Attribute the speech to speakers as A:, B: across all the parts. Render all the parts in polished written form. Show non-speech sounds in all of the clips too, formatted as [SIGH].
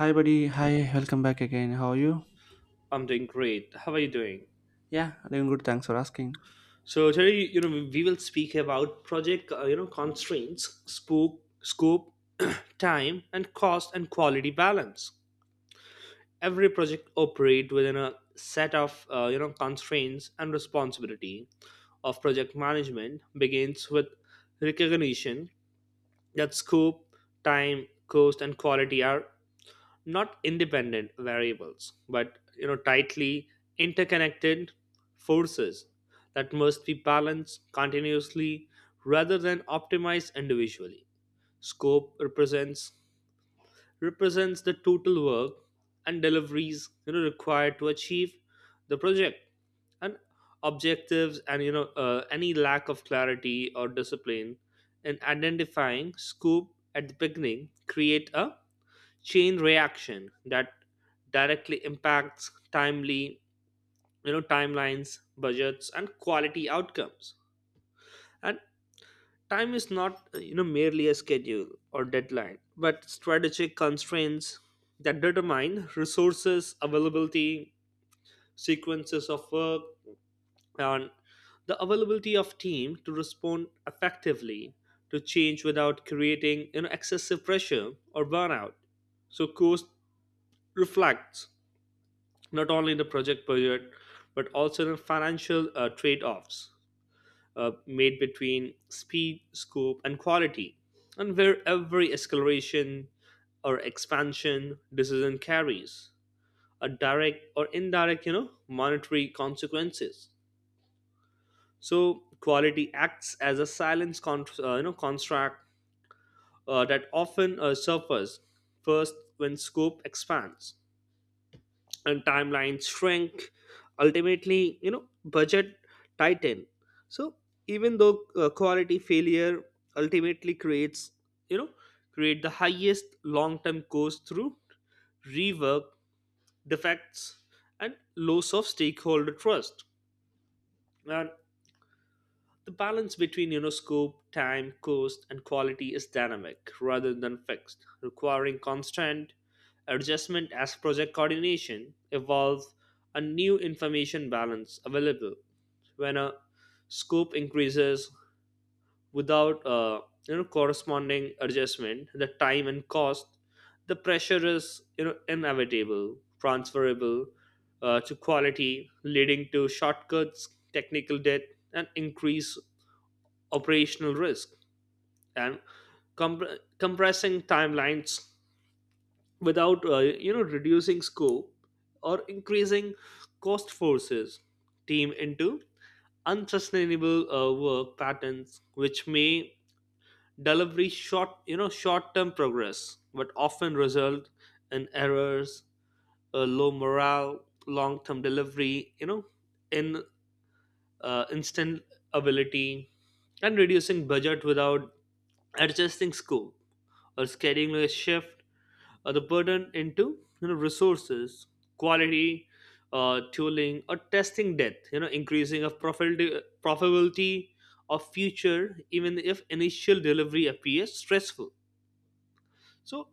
A: Hi, buddy. Hi, welcome back again. How are you?
B: I'm doing great. How are you doing?
A: Yeah, doing good. Thanks for asking.
B: So today, we will speak about project, constraints, scope, [CLEARS THROAT] time, and cost and quality balance. Every project operates within a set of, constraints, and responsibility of project management begins with recognition that scope, time, cost, and quality are not independent variables but tightly interconnected forces that must be balanced continuously rather than optimized individually. Scope represents the total work and deliveries required to achieve the project and objectives, and any lack of clarity or discipline in identifying scope at the beginning create a chain reaction that directly impacts timely you know timelines, budgets, and quality outcomes. And time is not merely a schedule or deadline but strategic constraints that determine resources availability, sequences of work, and the availability of team to respond effectively to change without creating excessive pressure or burnout. So cost reflects not only in the project budget but also in financial trade-offs made between speed, scope, and quality, and where every escalation or expansion decision carries a direct or indirect monetary consequences. So quality acts as a silence con- you know contract that often suffers first when scope expands and timelines shrink, ultimately budget tighten. So even though quality failure ultimately creates you know create the highest long term cost through rework, defects, and loss of stakeholder trust. And the balance between scope, time, cost, and quality is dynamic rather than fixed, requiring constant adjustment as project coordination evolves and new information balance available. When a scope increases without a corresponding adjustment, the time and cost, the pressure is inevitable, transferable to quality, leading to shortcuts, technical debt, and increase operational risk. And comp- compressing timelines without reducing scope or increasing cost forces team into unsustainable work patterns which may deliver short you know short term progress but often result in errors, low morale, long term delivery, in instant ability. And reducing budget without adjusting scope or scheduling a shift, or the burden into resources, quality, tooling or testing depth, increasing of profitability of future even if initial delivery appears stressful. So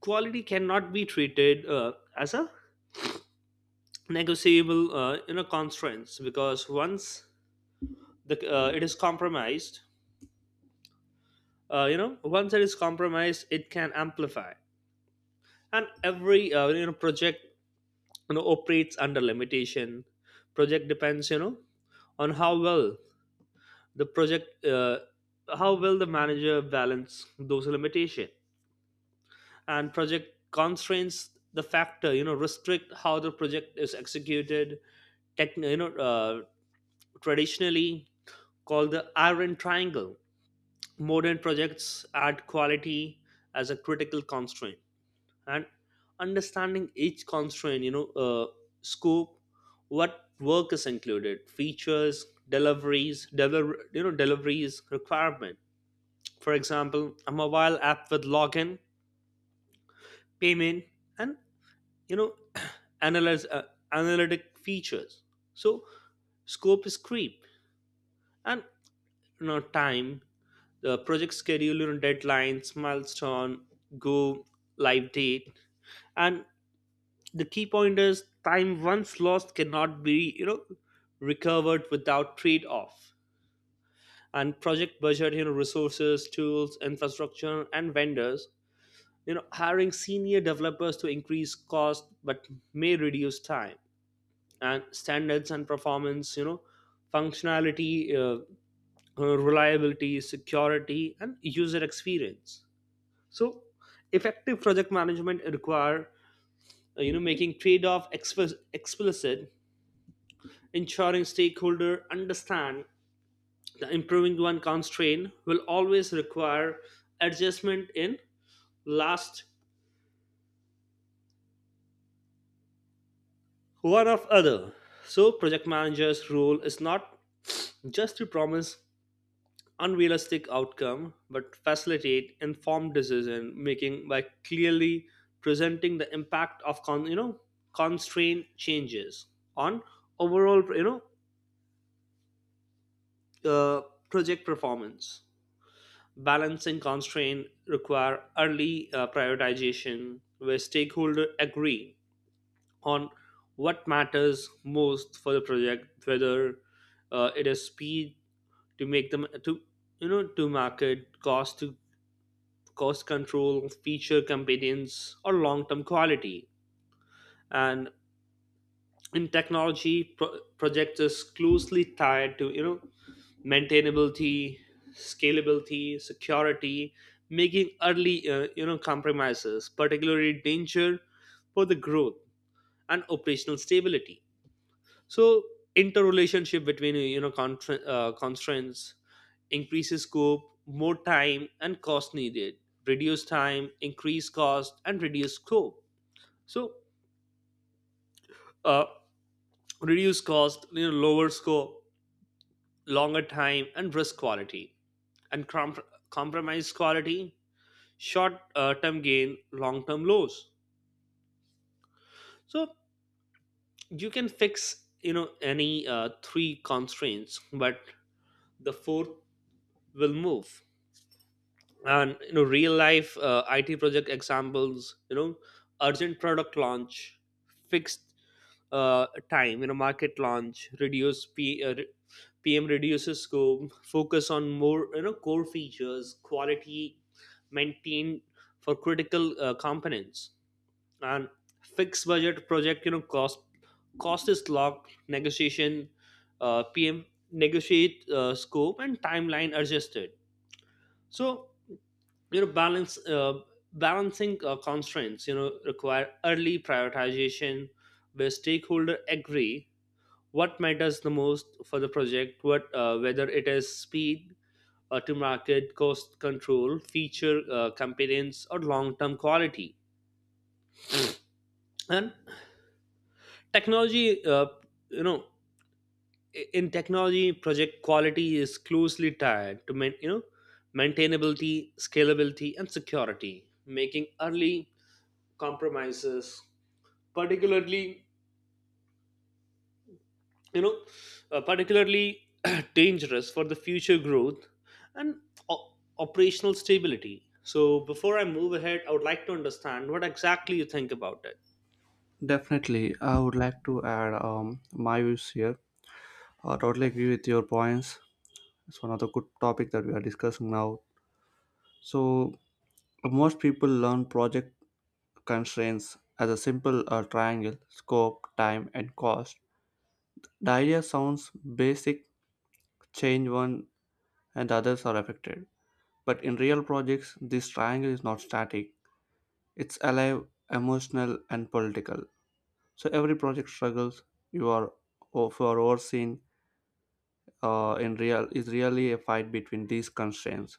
B: quality cannot be treated as a negotiable constraints, because once the it is compromised, once it is compromised it can amplify. And every project operates under limitation. Project depends on how well the project how well the manager balance those limitation. And project constraints, the factor restrict how the project is executed, tech, you know traditionally called the iron triangle. Modern projects add quality as a critical constraint. And understanding each constraint, scope, what work is included, features, deliveries deliver you know deliveries requirement, for example a mobile app with login, payment, and you know [CLEARS THROAT] analyze analytic features. So scope is creep. And time, the project schedule, deadlines, milestone, go live date. And the key point is, time once lost cannot be recovered without trade off. And project budget, resources, tools, infrastructure, and vendors. Hiring senior developers to increase cost but may reduce time. And standards and performance, functionality, reliability, security, and user experience. So effective project management require making trade-off explicit, ensuring stakeholders understand that improving one constraint will always require adjustment in last one of other. So project manager's role is not just to promise unrealistic outcome but facilitate informed decision making by clearly presenting the impact of constraint changes on overall uh, project performance. Balancing constraint require early prioritization where stakeholders agree on what matters most for the project, whether it is speed to make them to you know to market, cost control, feature competence, or long-term quality. And in projects is closely tied to maintainability, scalability, security, making early compromises particularly danger for the growth and operational stability. So interrelationship between constraints, increases scope more time and cost needed, reduce time increase cost and reduce scope. So uh, reduce cost, lower scope, longer time and risk quality. And compromise quality, short term gain long term loss. So you can fix any three constraints but the fourth will move. And real life it project examples, urgent product launch, fixed time, market launch, reduce pm reduces scope, focus on more core features, quality maintained for critical components. And fixed budget project, cost is locked, negotiation, pm negotiate scope and timeline adjusted. So you know balance balancing constraints require early prioritization where stakeholder agree what matters the most for the project, what whether it is speed to market, cost control, feature competence, or long term quality. And technology, you know in technology project quality is closely tied to maintainability, scalability, and security, making early compromises particularly you know particularly [CLEARS THROAT] dangerous for the future growth and operational stability. So before I move ahead, I would like to understand what exactly you think about it.
A: Definitely, I would like to add my views here. I totally agree with your points. It's one of the good topic that we are discussing now. So most people learn project constraints as a simple triangle: scope, time, and cost. The idea sounds basic. Change one, and the others are affected. But in real projects, this triangle is not static. It's alive, emotional, and political. So every project struggles you are for overseen in real is really a fight between these constraints.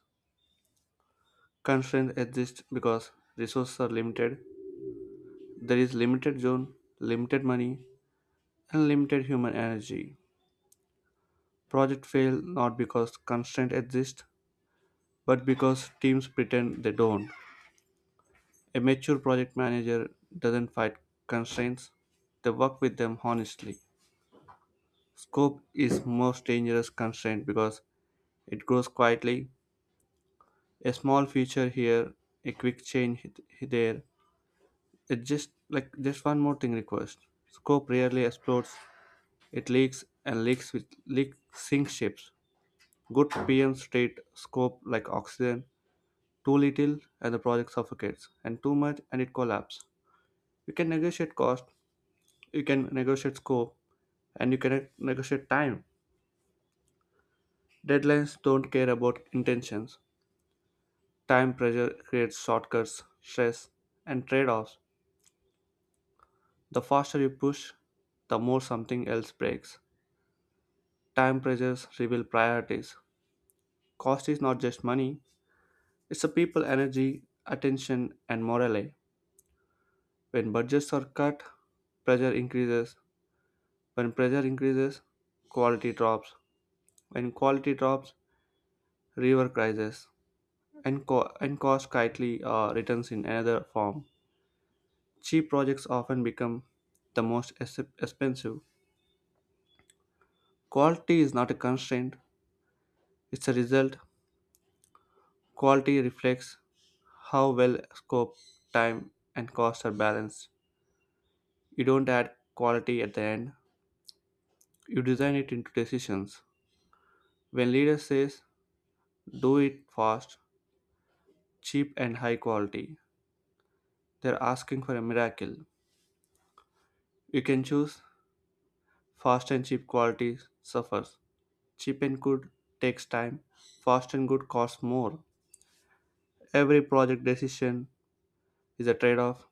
A: Constraints exist because resources are limited. There is limited zone, limited money, and limited human energy. Project fail not because constraints exist, but because teams pretend they don't. A mature project manager doesn't fight constraints; they work with them honestly. Scope is most dangerous constraint because it grows quietly, a small feature here, a quick change hit there. It's just like just one more thing request. Scope rarely explodes. It leaks and leaks with leak sink ships. Good PM state scope like oxygen. Too little and the project suffocates, and too much and it collapses. You can negotiate cost. You can negotiate scope, and you can negotiate time. Deadlines don't care about intentions. Time pressure creates shortcuts, stress, and trade offs. The faster you push, the more something else breaks. Time pressures reveal priorities. Cost is not just money, it's a people energy, attention, and morale. When budgets are cut, pressure increases. When pressure increases, quality drops. When quality drops, river crisis. And cost tightly returns in another form. Cheap projects often become the most expensive. Quality is not a constraint, it's a result. Quality reflects how well scope, time, and cost are balanced. You don't add quality at the end, you design it into decisions. When leader says do it fast, cheap and high quality, they're asking for a miracle. You can choose fast and cheap quality suffers. Cheap and good takes time, fast and good costs more. Every project decision is a trade-off.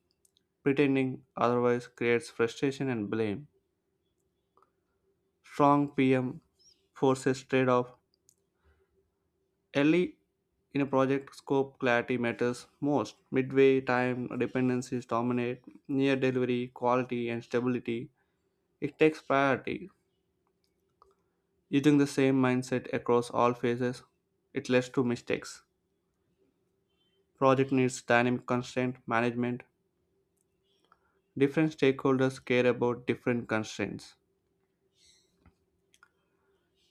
A: Pretending otherwise creates frustration and blame. Strong PM forces trade-off. Early in a project, scope clarity matters most. Midway, time dependencies dominate. Near delivery, quality, and stability. It takes priority. Using the same mindset across all phases, it leads to mistakes. Project needs dynamic constraint management. Different stakeholders care about different constraints.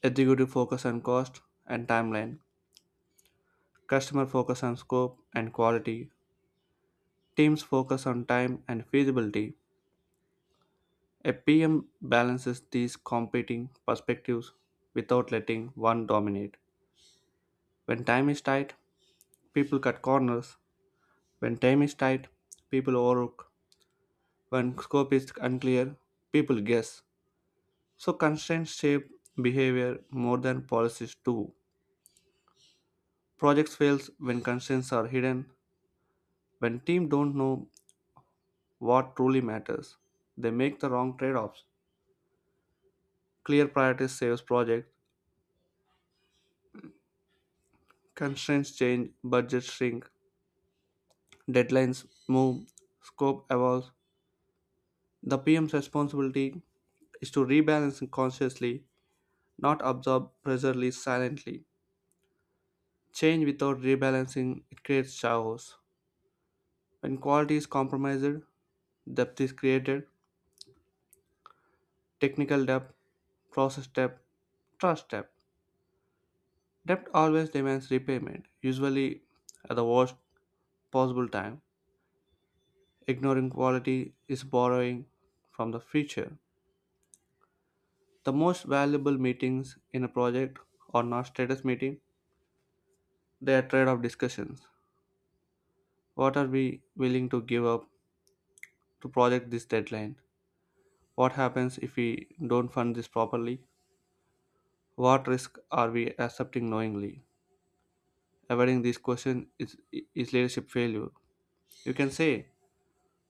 A: Executive focus on cost and timeline. Customer focus on scope and quality. Teams focus on time and feasibility. A PM balances these competing perspectives without letting one dominate. When time is tight, people cut corners. When time is tight, people overlook. When scope is unclear, people guess. So constraints shape behavior more than policies do. Projects fails when constraints are hidden. When team don't know what truly matters, they make the wrong trade-offs. Clear priorities saves project. Constraints change, budgets shrink, deadlines move, scope evolves. The PM's responsibility is to rebalance consciously, not absorb pressure release silently. Change without rebalancing it creates chaos. When quality is compromised, depth is created. Technical depth, process depth, trust depth. Debt always demands repayment, usually at the worst possible time. Ignoring quality is borrowing from the future. The most valuable meetings in a project are not status meetings, they are trade off discussions. What are we willing to give up to project this deadline? What happens if we don't fund this properly? What risk are we accepting knowingly? Avoiding these questions is leadership failure. You can say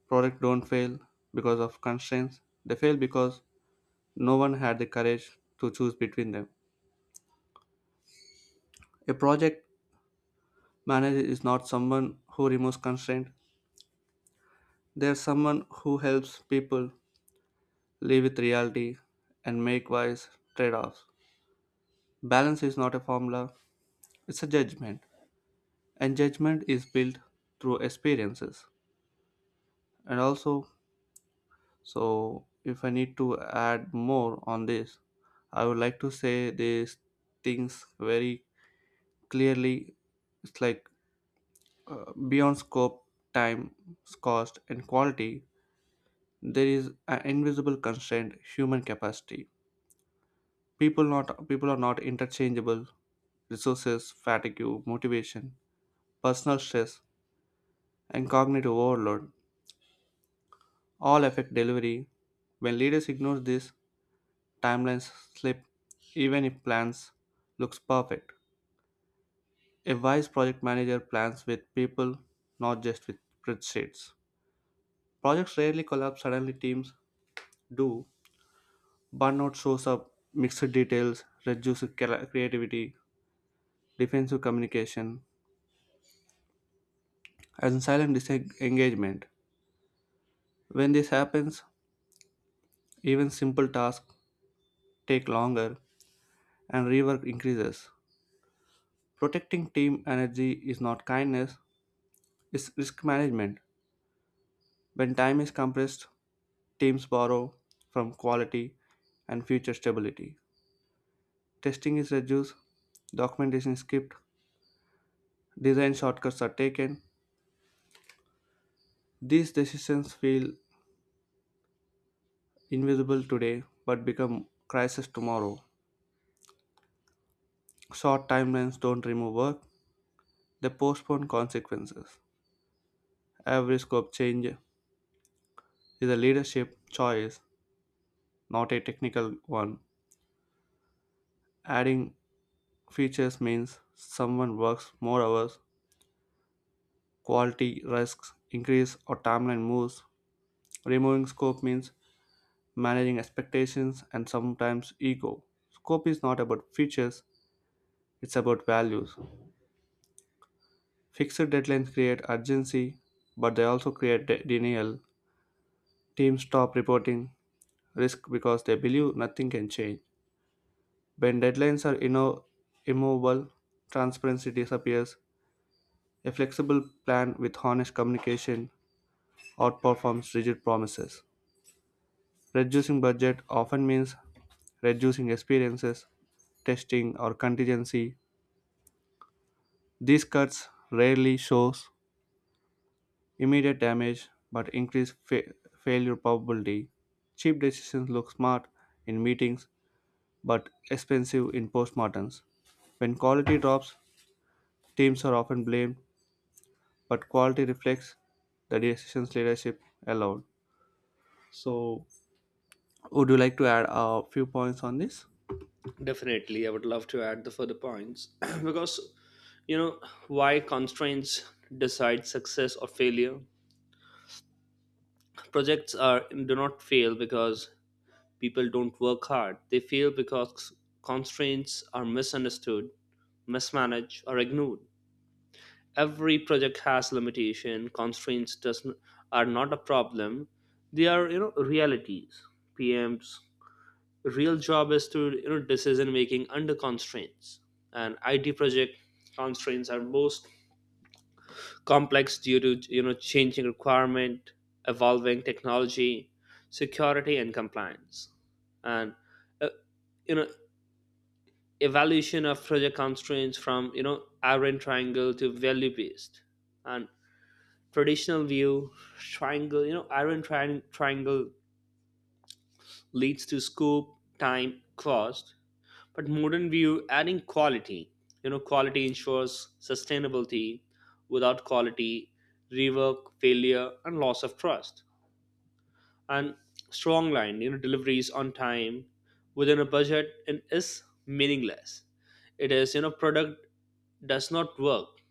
A: projects don't fail because of constraints, they fail because no one had the courage to choose between them. A project manager is not someone who removes constraint, they're someone who helps people live with reality and make wise trade offs. Balance is not a formula, it's a judgment. And judgment is built through experiences. And also, so if I need to add more on this, I would like to say these things very clearly. It's like beyond scope, time, cost, and quality, there is an invisible constraint human capacity. People are not interchangeable. Resources, fatigue, motivation, personal stress, and cognitive overload all affect delivery. When leaders ignore this, timelines slip even if plans looks perfect. A wise project manager plans with people, not just with spreadsheets. Projects rarely collapse suddenly, teams do. Burnout shows up, mixed details, reduced creativity, defensive communication, and silent disengagement. When this happens, even simple tasks take longer and rework increases. Protecting team energy is not kindness, it's risk management. When time is compressed, teams borrow from quality and future stability. Testing is reduced, documentation is skipped, design shortcuts are taken. These decisions feel invisible today but become crisis tomorrow. Short timelines don't remove work, they postpone consequences. Every scope change is a leadership choice, not a technical one. Adding features means someone works more hours, quality risks increase, or timeline moves. Removing scope means managing expectations and sometimes ego. Scope is not about features, it's about values. Fixed deadlines create urgency, but they also create denial. Teams stop reporting risk because they believe nothing can change. When deadlines are immovable, transparency disappears. A flexible plan with honest communication outperforms rigid promises. Reducing budget often means reducing experiences, testing, or contingency. These cuts rarely show immediate damage but increase failure probability. Cheap decisions look smart in meetings but expensive in postmortems. When quality drops, teams are often blamed but quality reflects the decision's leadership allowed. So, would you like to add a few points on this?
B: Definitely, I would love to add the further points [CLEARS THROAT] because you know why constraints decide success or failure. Projects are do not fail because people don't work hard, they fail because constraints are misunderstood, mismanaged, or ignored. Every project has limitation, are not a problem, they are realities. PM's real job is to decision making under constraints. And it project constraints are most complex due to changing requirement, evolving technology, security and compliance. And uh, you know evaluation of project constraints from iron triangle to value based. And traditional view triangle, triangle leads to scope, time, cost. But modern view adding quality, quality ensures sustainability. Without quality, rework, failure, and loss of trust. And strong line, deliveries on time, within a budget and is meaningless. It is product does not work.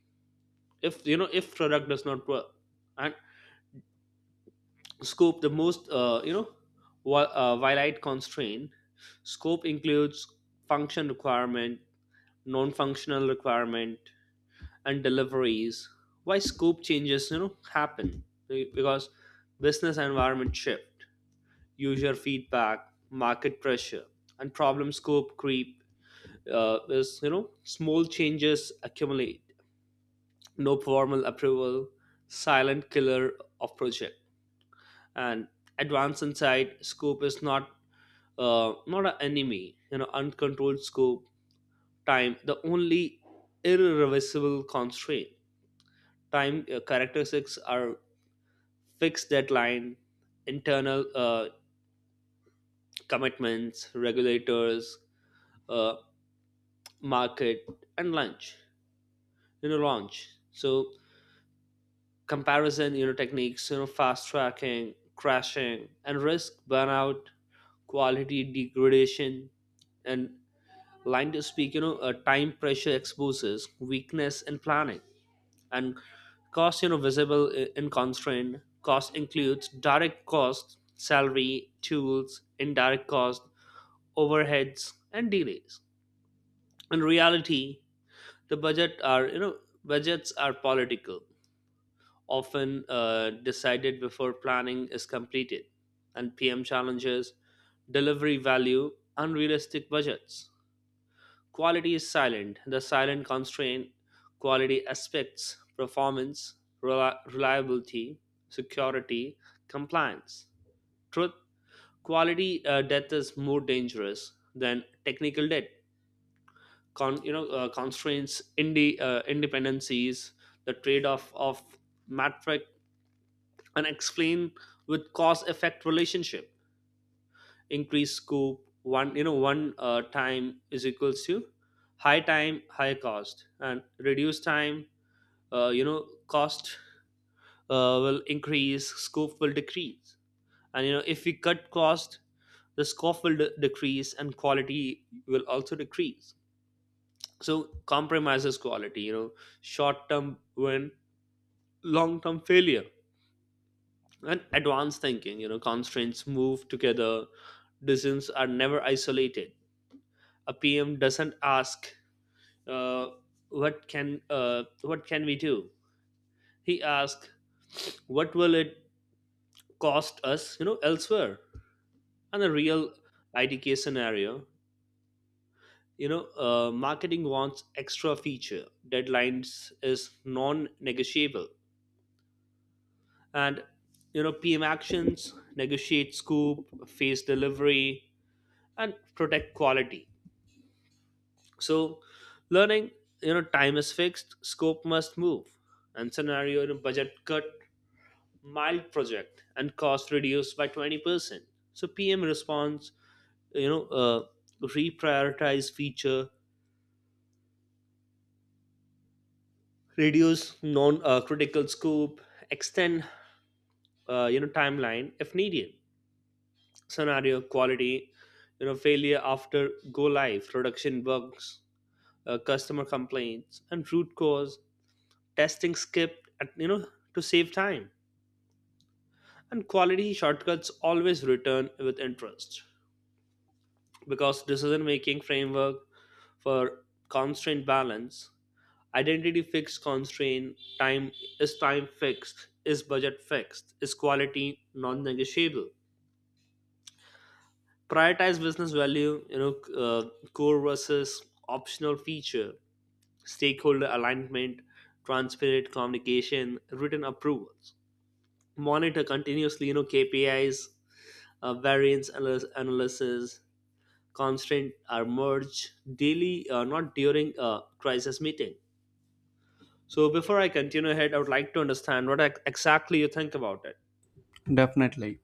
B: If if product does not work. And scope, the most wide constraint. Scope includes function requirement, non-functional requirement, and deliveries. Why scope changes happen? Because business environment shift, user feedback, market pressure. And problem scope creep, is small changes accumulate, no formal approval, silent killer of project. And advanced insight, scope is not not an enemy, uncontrolled scope. Time, the only irreversible constraint. Time characteristics are fixed deadline, internal commitments, regulators, uh, market, and lunch, launch. So comparison, techniques, fast tracking, crashing, and risk burnout, quality degradation. And line to speak, time pressure exposes weakness in planning. And cost, visible in constraint. Cost includes direct cost, salary, tools, indirect cost, overheads, and delays. In reality, the budget are, budgets are political, often decided before planning is completed. And pm challenges, delivery value, unrealistic budgets. Quality is silent. The silent constraint, quality aspects, performance, reliability, security, compliance. Truth, quality death is more dangerous than technical debt. Constraints, independencies, the trade-off of metric, and explain with cause-effect relationship. Increased scope, one you know one time is equals to high time, high cost. And reduce time, cost will increase, scope will decrease. And if we cut cost, the scope will decrease and quality will also decrease. So compromises quality, short term win, long term failure. And advanced thinking, constraints move together, decisions are never isolated. A PM doesn't ask uh, what can we do. He asks what will it cost us, elsewhere. And a real IDK scenario, marketing wants extra feature. Deadlines is non-negotiable, and PM actions negotiate scope, phase delivery, and protect quality. So learning, time is fixed, scope must move. And scenario, budget cut, mild project, and cost reduced by 20%. So PM response, you know, uh, reprioritize feature, reduce non-critical scope, extend, timeline if needed. Scenario quality, failure after go live, production bugs, customer complaints, and root cause testing skipped, to save time. And quality shortcuts always return with interest. Because decision making framework for constraint balance, identity fixed constraint, time, is time fixed, is budget fixed, is quality non negotiable. Prioritize business value, core versus optional feature, stakeholder alignment, transparent communication, written approvals. Monitor continuously, KPIs, analysis. Constraints are merged daily, not during a crisis meeting. So before I continue ahead, I would like to understand what exactly you think about it.
A: Definitely.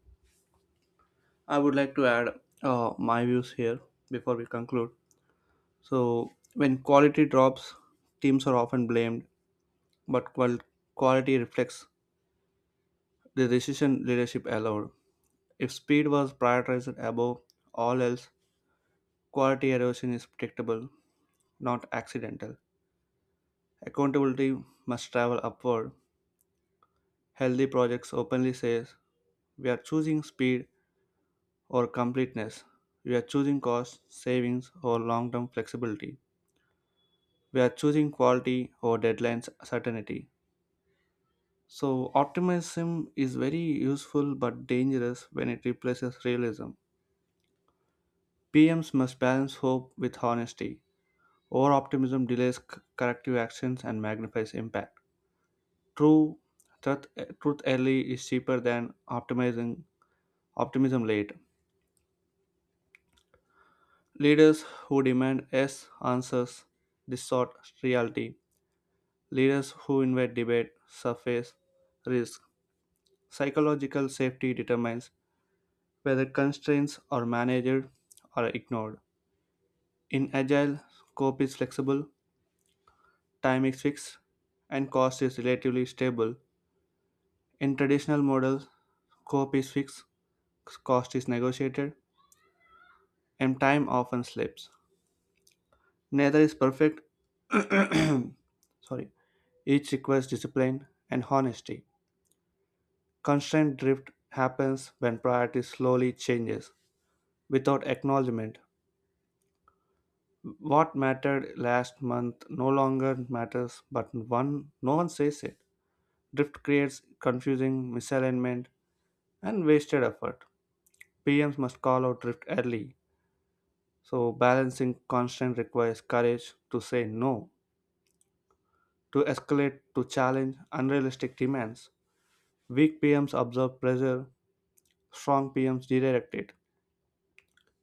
A: I would like to add my views here before we conclude. So, when quality drops, teams are often blamed, but quality reflects the decision leadership allowed. If speed was prioritized above all else, quality erosion is predictable, not accidental. Accountability must travel upward. Healthy projects openly says we are choosing speed or completeness. We are choosing cost savings or long term flexibility. We are choosing quality or deadline certainty. So, optimism is very useful but dangerous when it replaces realism. PMs must balance hope with honesty. Over optimism delays corrective actions and magnifies impact. True Truth early is cheaper than optimizing optimism late. Leaders who demand yes answers distort reality. Leaders who invite debate surface risk. Psychological safety determines whether constraints are managed or ignored. In agile, scope is flexible, time is fixed, and cost is relatively stable. In traditional models, scope is fixed, cost is negotiated, and time often slips. Neither is perfect. Sorry. Each requires discipline and honesty. Constraint drift happens when priority slowly changes without acknowledgement. What mattered last month no longer matters, but one no one says it. Drift creates confusing misalignment and wasted effort. PMs must call out drift early. So balancing constraint requires courage to say no, to escalate, to challenge unrealistic demands. Weak PMs absorb pressure strong PMs directed.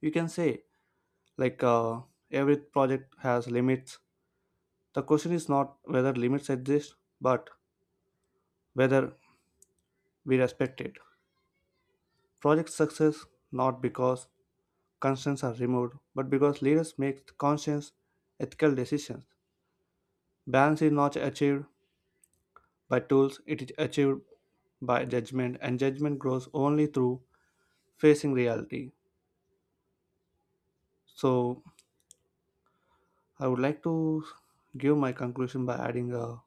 A: You can say, like, uh, every project has limits. The question is not whether limits exist, but whether we respect it. Project success not because constraints are removed, but because leaders make conscious, ethical decisions. Balance is not achieved by tools, it is achieved by judgment, and judgment grows only through facing reality. So, I would like to give my conclusion by adding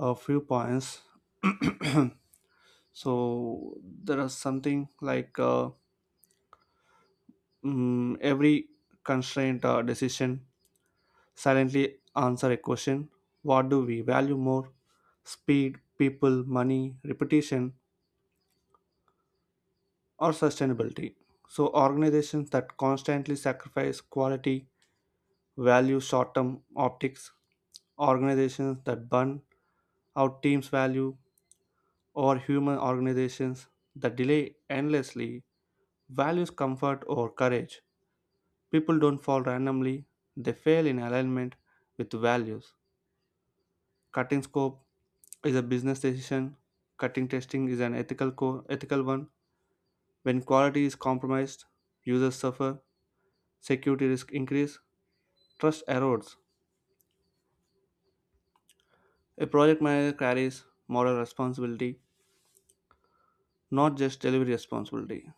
A: a few points. [CLEARS THROAT] So there is something like every constraint decision silently answer a question, what do we value more, speed, people, money, repetition, or sustainability. So organizations that constantly sacrifice quality value short-term optics, organizations that burn out teams value or human, organizations that delay endlessly values comfort or courage. People don't fall randomly, they fail in alignment with values. Cutting scope is a business decision, cutting testing is an ethical one. When quality is compromised, users suffer, security risk increase, trust erodes. A project manager carries moral responsibility, not just delivery responsibility.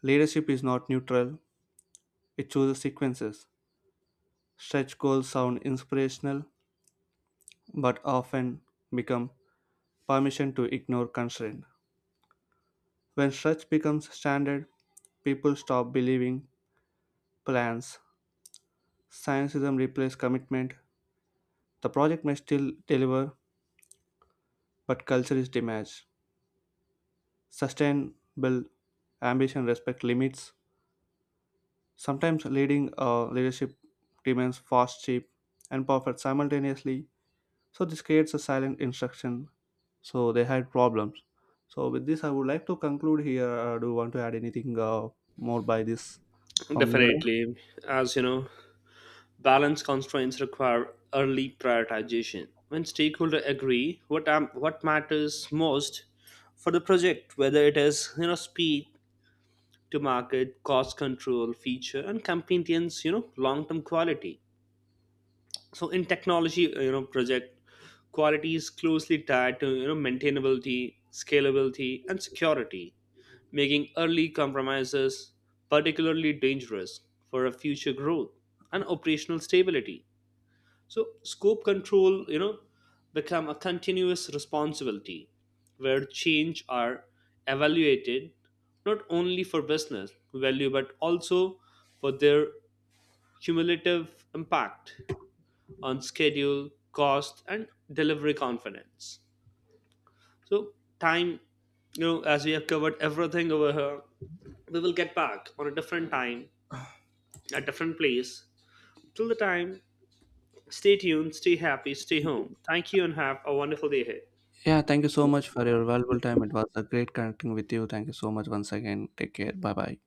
A: Leadership is not neutral, it chooses sequences. Stretch goals sound inspirational, but often become permission to ignore constraint. When such becomes standard, people stop believing plans. Scientism replaces commitment. The project may still deliver, but culture is damaged. Sustainable ambition respect limits, sometimes leading leadership demands fast, cheap, and perfect simultaneously. So this creates a silent instruction. So they had problems. So with this, I would like to conclude here. Do you want to add anything more by this from your end?
B: Definitely, as you know, balance constraints require early prioritization. When stakeholders agree what matters most for the project, whether it is speed to market, cost control, feature, and campaign's long term quality. So in technology project quality is closely tied to maintainability, scalability, and security, making early compromises particularly dangerous for a future growth and operational stability. So scope control become a continuous responsibility where change are evaluated not only for business value but also for their cumulative impact on schedule, cost, and delivery confidence. So, time, as we have covered everything over here, we will get back on a different time, a different place. Till the time, stay tuned, stay happy, stay home. Thank you, and have a wonderful day ahead.
A: Yeah, thank you so much for your valuable time. It was a great connecting with you. Thank you so much once again. Take care. Bye bye.